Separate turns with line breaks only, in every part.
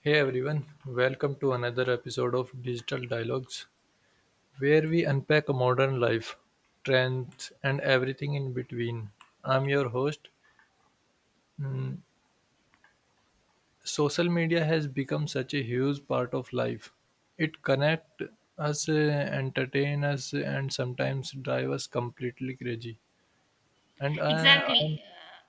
Hey everyone, welcome to another episode of Digital Dialogues, where we unpack modern life, trends, and everything in between. I'm your host. Mm, Social media has become such a huge part of life. It connects us, entertain us, and sometimes drive us completely crazy. And I, I'm,
Exactly. uh,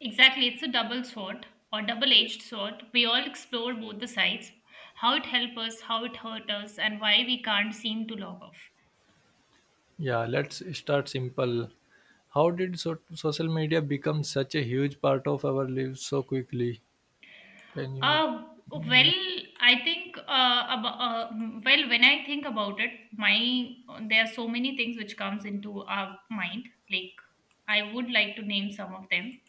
Exactly. It's a double sword or double edged sword. We all explore both the sides how it helps us, how it hurts us, and why we can't seem to log off.
yeah, Let's start simple. How did social media become such a huge part of our lives so quickly? Can you,
Uh,
yeah,
well, I think, when I think about it, my there are so many things which comes into our mind. Like, I would like to name some of them.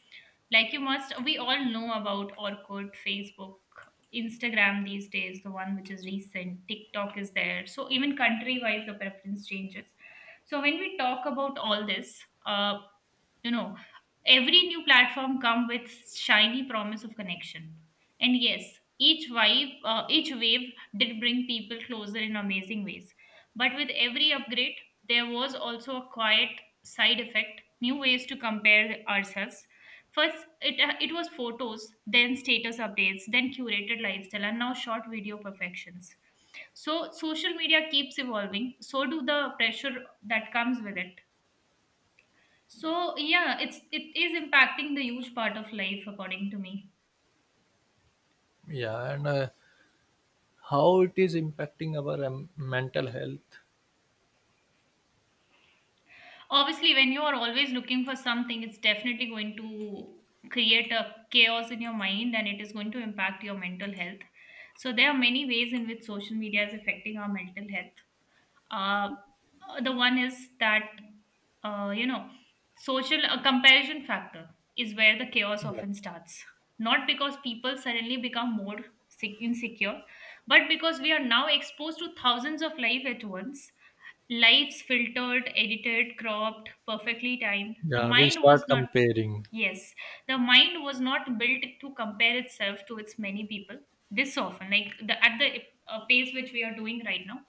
Like you must, we all know about Orkut, Facebook, Instagram these days, the one which is recent, TikTok is there. So even country wise, the preference changes. So when we talk about all this, you know every new platform come with shiny promise of connection, and yes, each wave each wave did bring people closer in amazing ways, but with every upgrade there was also a quiet side effect, new ways to compare ourselves. First it was photos, then status updates, then curated lifestyle, and now short video perfections. So social media keeps evolving, so do the pressure that comes with it. So yeah, it is impacting the huge part of life according to me.
yeah, and How it is impacting our mental health?
Obviously, when you are always looking for something, it's definitely going to create a chaos in your mind and it is going to impact your mental health. So there are many ways in which social media is affecting our mental health. uh, the one is that, uh, you know social comparison factor is where the chaos
Yeah,
often starts. Not because people suddenly become more insecure, but because we are now exposed to thousands of life at once, lives filtered, edited, cropped, perfectly timed. The
yeah, we
mind
start
was not.
comparing.
Yes, the mind was not built to compare itself to its many people. This often like the at the pace which we are doing right now.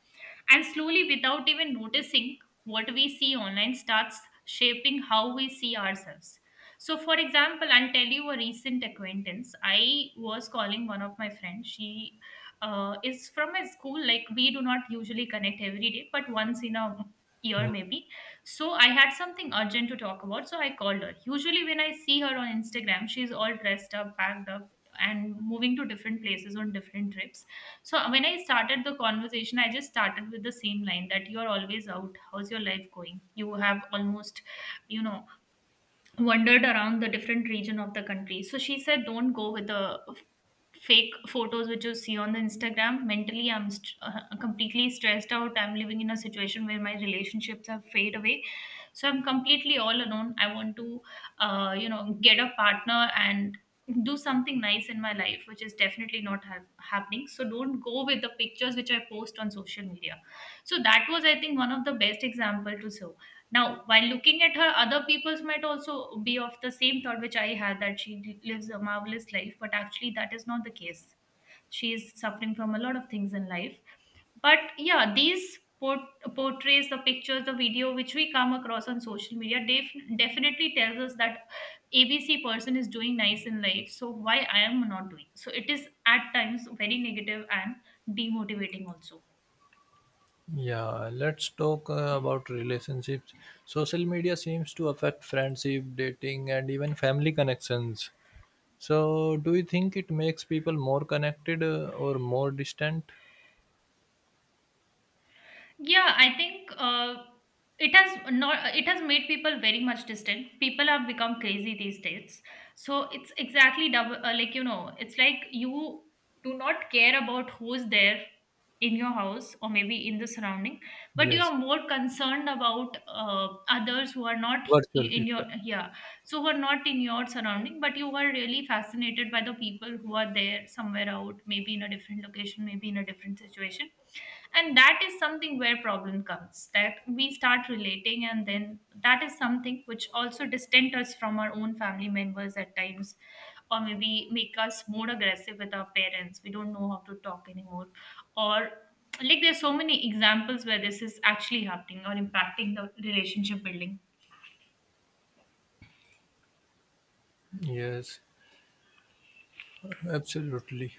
And slowly, without even noticing, what we see online starts shaping how we see ourselves. So, for example, I'll tell you a recent acquaintance. I was calling one of my friends. She is from a school, like, we do not usually connect every day, but once in a year,
Mm.
maybe. So, I had something urgent to talk about, so I called her. Usually, when I see her on Instagram, she's all dressed up, packed up, and moving to different places on different trips. So when I started the conversation, I just started with the same line that you are always out. How's your life going? You have almost, you know, wandered around the different region of the country. So she said, don't go with the fake photos which you see on the Instagram. Mentally, I'm completely stressed out. I'm living in a situation where my relationships have fade away. So I'm completely all alone. I want to get a partner and do something nice in my life, which is definitely not happening. So don't go with the pictures which I post on social media. So that was, I think, one of the best example to show. Now, while looking at her, other peoples might also be of the same thought which I had, that she lives a marvelous life, but actually, that is not the case. She is suffering from a lot of things in life. But yeah, these portrays, the pictures, the video which we come across on social media definitely tells us that ABC person is doing nice in life. So why I am not doing? So it is at times very negative and demotivating also.
Yeah, let's talk about relationships. Social media seems to affect friendship, dating, and even family connections. So, do you think it makes people more connected or more distant?
Yeah, I think it has not. It has made people very much distant. People have become crazy these days. So it's exactly double. It's like you do not care about who's there in your house or maybe in the surrounding, but you
Yes,
are more concerned about others who are not
virtual
in your,
people.
yeah. So who are not in your surrounding, but you are really fascinated by the people who are there somewhere out, maybe in a different location, maybe in a different situation. And that is something where problem comes, that we start relating, and then that is something which also distant us from our own family members at times, or maybe make us more aggressive with our parents. We don't know how to talk anymore. Or like there's so many examples where this is actually happening or impacting the relationship building.
Yes, absolutely.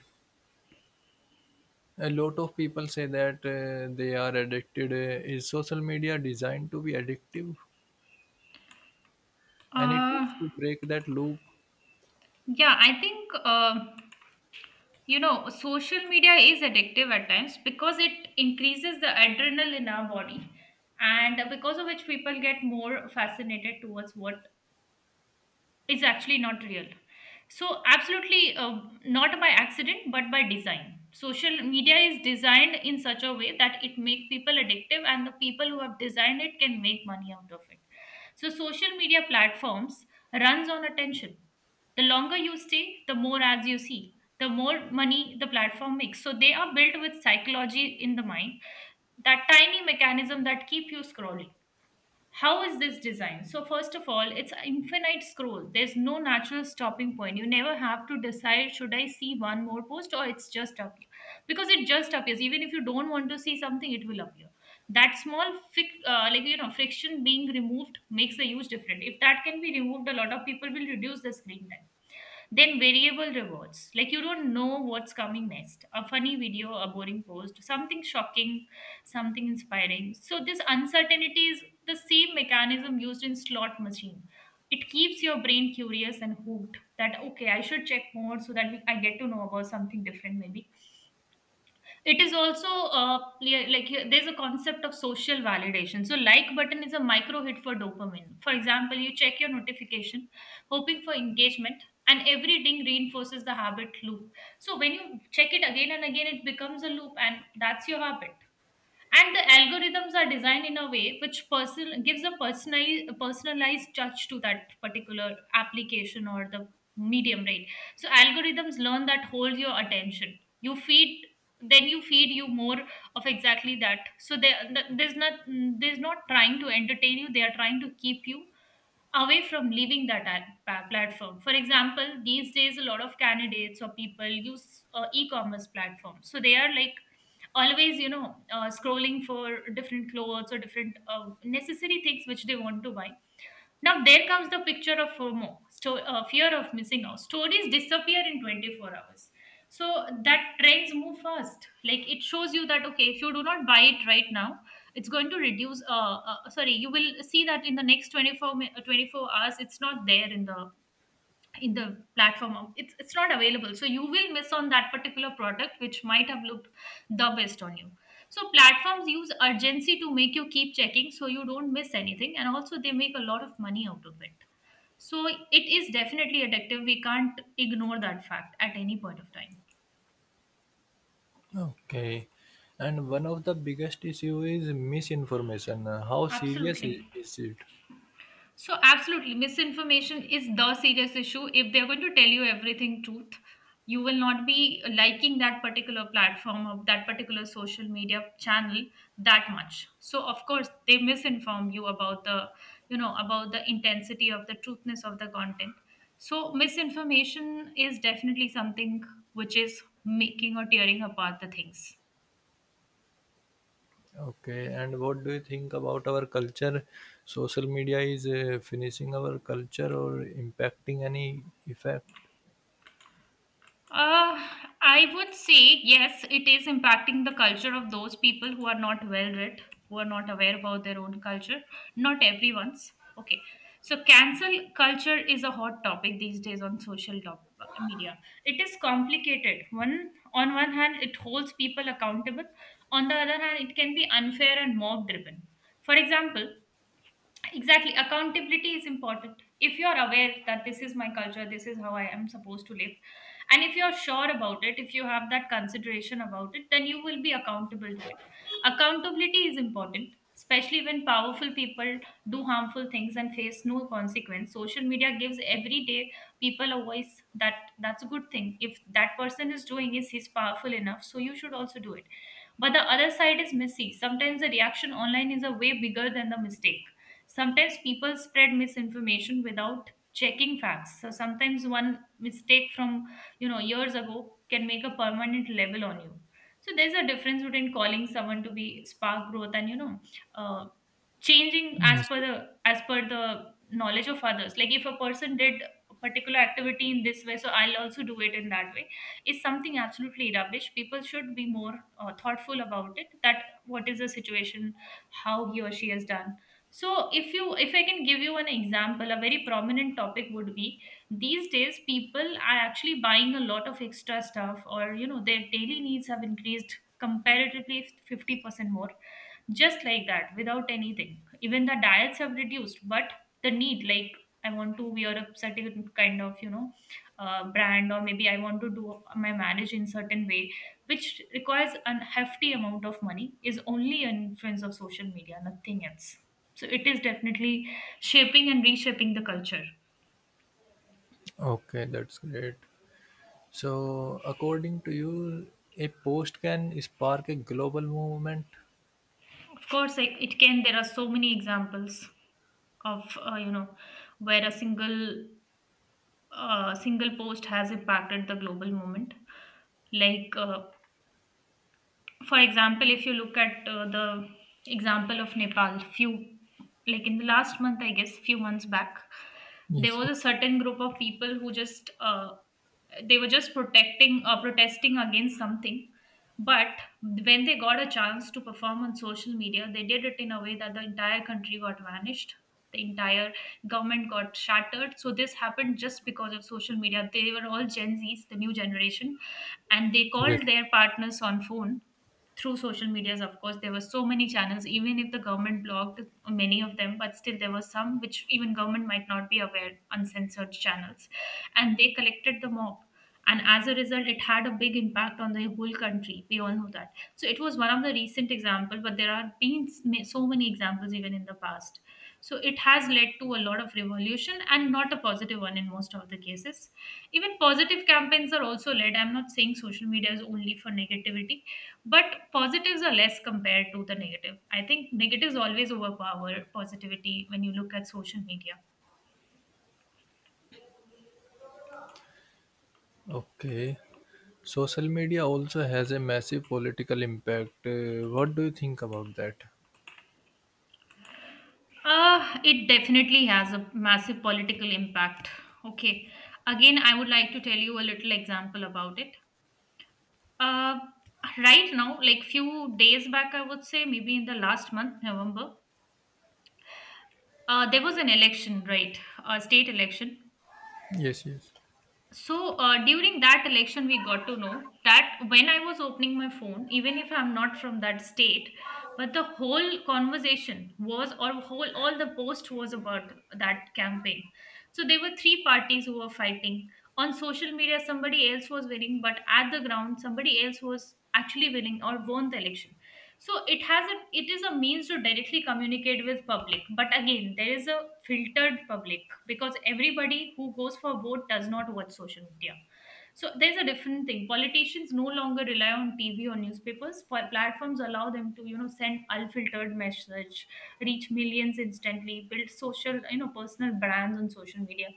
A lot of people say that they are addicted. Is social media designed to be addictive? Any
uh
tips to break that loop?
yeah, I think, social media is addictive at times because it increases the adrenaline in our body, and because of which people get more fascinated towards what it's actually not real. So, absolutely, not by accident, but by design. Social media is designed in such a way that it make people addictive, and the people who have designed it can make money out of it. So, social media platforms runs on attention. The longer you stay, the more ads you see, the more money the platform makes. So, they are built with psychology in the mind, that tiny mechanism that keep you scrolling. How is this designed? So, first of all, it's an infinite scroll. There's no natural stopping point. You never have to decide should I see one more post or it's just up, because it just appears. Even if you don't want to see something, it will appear. That small, friction being removed makes a huge difference. If that can be removed, a lot of people will reduce the screen time. Then variable rewards, like you don't know what's coming next. A funny video, a boring post, something shocking, something inspiring. So this uncertainty is the same mechanism used in slot machine. It keeps your brain curious and hooked, that okay, I should check more so that I get to know about something different maybe. It is also there's a concept of social validation. So like button is a micro hit for dopamine. For example, you check your notification hoping for engagement, and every ding reinforces the habit loop. So when you check it again and again, it becomes a loop, and that's your habit. And the algorithms are designed in a way which person gives a personalized touch to that particular application or the medium, right? So algorithms learn that, hold your attention, you feed, then you feed you more of exactly that. So there's not there's not trying to entertain you, they are trying to keep you away from leaving that platform. For example, these days a lot of candidates or people use e-commerce platforms, so they are like always, scrolling for different clothes or different necessary things which they want to buy. Now there comes the picture of FOMO, fear of missing out. Stories disappear in 24 hours. So that trends move fast. Like it shows you that okay, if you do not buy it right now, it's going to reduce. You will see that in the next 24 hours, it's not there in the platform. It's not available, so you will miss on that particular product which might have looked the best on you. So platforms use urgency to make you keep checking, so you don't miss anything, and also they make a lot of money out of it. So it is definitely addictive. We can't ignore that fact at any point of time.
Okay. And one of the biggest issue is misinformation. How serious
Absolutely.
is it?
So, absolutely, misinformation is the serious issue. If they're going to tell you everything truth, you will not be liking that particular platform or that particular social media channel that much. So, of course, they misinform you about the, about the intensity of the truthness of the content. So, misinformation is definitely something which is making or tearing apart the things.
Okay. And what do you think about our culture? Social media is finishing our culture or impacting any effect?
Uh, I would say yes, it is impacting the culture of those people who are not well read, who are not aware about their own culture. Not everyone's. Okay. So, cancel culture is a hot topic these days on social top, media. It is complicated. One hand, it holds people accountable. On the other hand, it can be unfair and mob driven. For example, exactly, accountability is important. If you're aware that this is my culture, this is how I am supposed to live, and if you're sure about it, if you have that consideration about it, then you will be accountable to it. Accountability is important, especially when powerful people do harmful things and face no consequence. Social media gives everyday people a voice. That's a good thing. If that person is doing, is he's powerful enough, so you should also do it. But the other side is messy. Sometimes the reaction online is a way bigger than the mistake. Sometimes people spread misinformation without checking facts. So sometimes one mistake from years ago can make a permanent level on you. So there's a difference between calling someone to be spark growth and uh, changing as
Yes.
per the knowledge of others. Like if a person did a particular activity in this way, so I'll also do it in that way, is something absolutely rubbish. People should be more thoughtful about it, that what is the situation, how he or she has done. So if I can give you an example, a very prominent topic would be, these days people are actually buying a lot of extra stuff, or you know, their daily needs have increased comparatively 50% more, just like that without anything. Even the diets have reduced, but the need, like, I want to wear a certain kind of, brand, or maybe I want to do my marriage in certain way which requires an hefty amount of money, is only an influence of social media, nothing else. So it is definitely shaping and reshaping the culture.
Okay, that's great. So, according to you, a post can spark a global movement?
Of course, like, it can. There are so many examples of, uh, you know where a single, single post has impacted the global movement. Like, for example, if you look at the example of Nepal, few, like in the last month, I guess, few months back, there
Yes,
was
yes,
a certain group of people who just, they were just protecting protesting against something. But when they got a chance to perform on social media, they did it in a way that the entire country got vanished, the entire government got shattered. So this happened just because of social media. They were all Gen Z's, the new generation, and they called
yes.
their partners on phone through social medias. Of course, there were so many channels. Even if the government blocked many of them, but still there were some which even government might not be aware, uncensored channels, and they collected the mob. And as a result, it had a big impact on the whole country. We all know that. So it was one of the recent example, but there have been so many examples even in the past. So it has led to a lot of revolution, and not a positive one in most of the cases. Even positive campaigns are also led. I'm not saying social media is only for negativity, but positives are less compared to the negative. I think negatives always overpower positivity when you look at social media.
Okay. Social media also has a massive political impact. What do you think about that?
It definitely has a massive political impact. Okay, again I would like to tell you a little example about it. Uh, right now, like, few days back, I would say, maybe in the last month, November, there was an election, right? A state election.
Yes, yes.
So during that election, we got to know that when I was opening my phone, even if I'm not from that state, but the whole conversation was, or whole all the post was about that campaign. So there were three parties who were fighting. On social media, somebody else was winning, but at the ground, somebody else was actually winning, or won the election. So it is a means to directly communicate with public. But again, there is a filtered public, because everybody who goes for vote does not watch social media. So there's a different thing. Politicians no longer rely on TV or newspapers. Platforms allow them to, you know, send unfiltered message, reach millions instantly, build social, you know, personal brands on social media.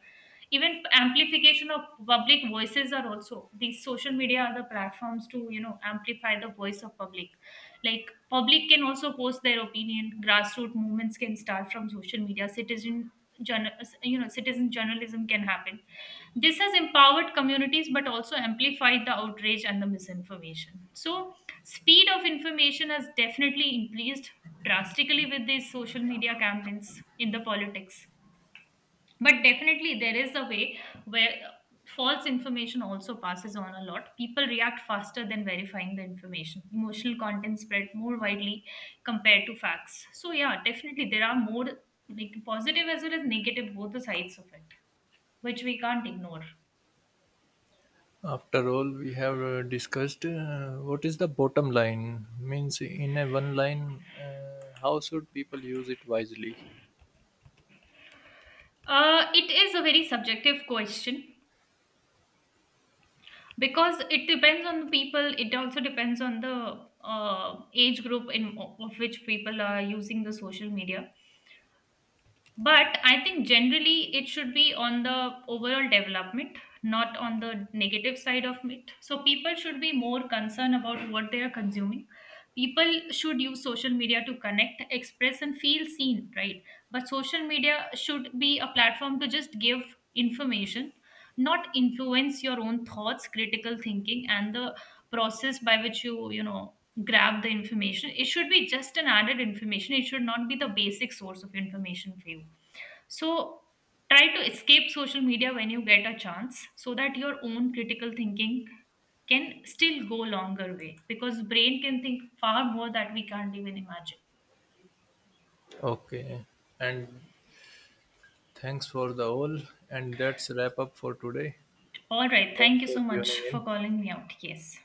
Even amplification of public voices are also, these social media are the platforms to, you know, amplify the voice of public. Like public can also post their opinion. Grassroots movements can start from social media. Journal, citizen journalism can happen. This has empowered communities, but also amplified the outrage and the misinformation. So speed of information has definitely increased drastically with these social media campaigns in the politics. But definitely there is a way where, false information also passes on a lot. People react faster than verifying the information. Emotional content spread more widely compared to facts. So yeah, definitely there are more, like, positive as well as negative, both the sides of it, which we can't ignore.
After all, we have discussed what is the bottom line. Means, in a one line, how should people use it wisely?
It is a very subjective question, because it depends on the people. It also depends on the age group in of which people are using the social media. But I think generally it should be on the overall development, not on the negative side of it. So people should be more concerned about what they are consuming. People should use social media to connect, express, and feel seen, right? But social media should be a platform to just give information, not influence your own thoughts. Critical thinking and the process by which you know grab the information, it should be just an added information. It should not be the basic source of information for you. So try to escape social media when you get a chance, so that your own critical thinking can still go longer way, because brain can think far more that we can't even imagine.
Okay. And thanks for the all. And that's wrap up for today.
All right, thank
Thanks
you so
for
much
tuning
for
in.
calling me out. Yes.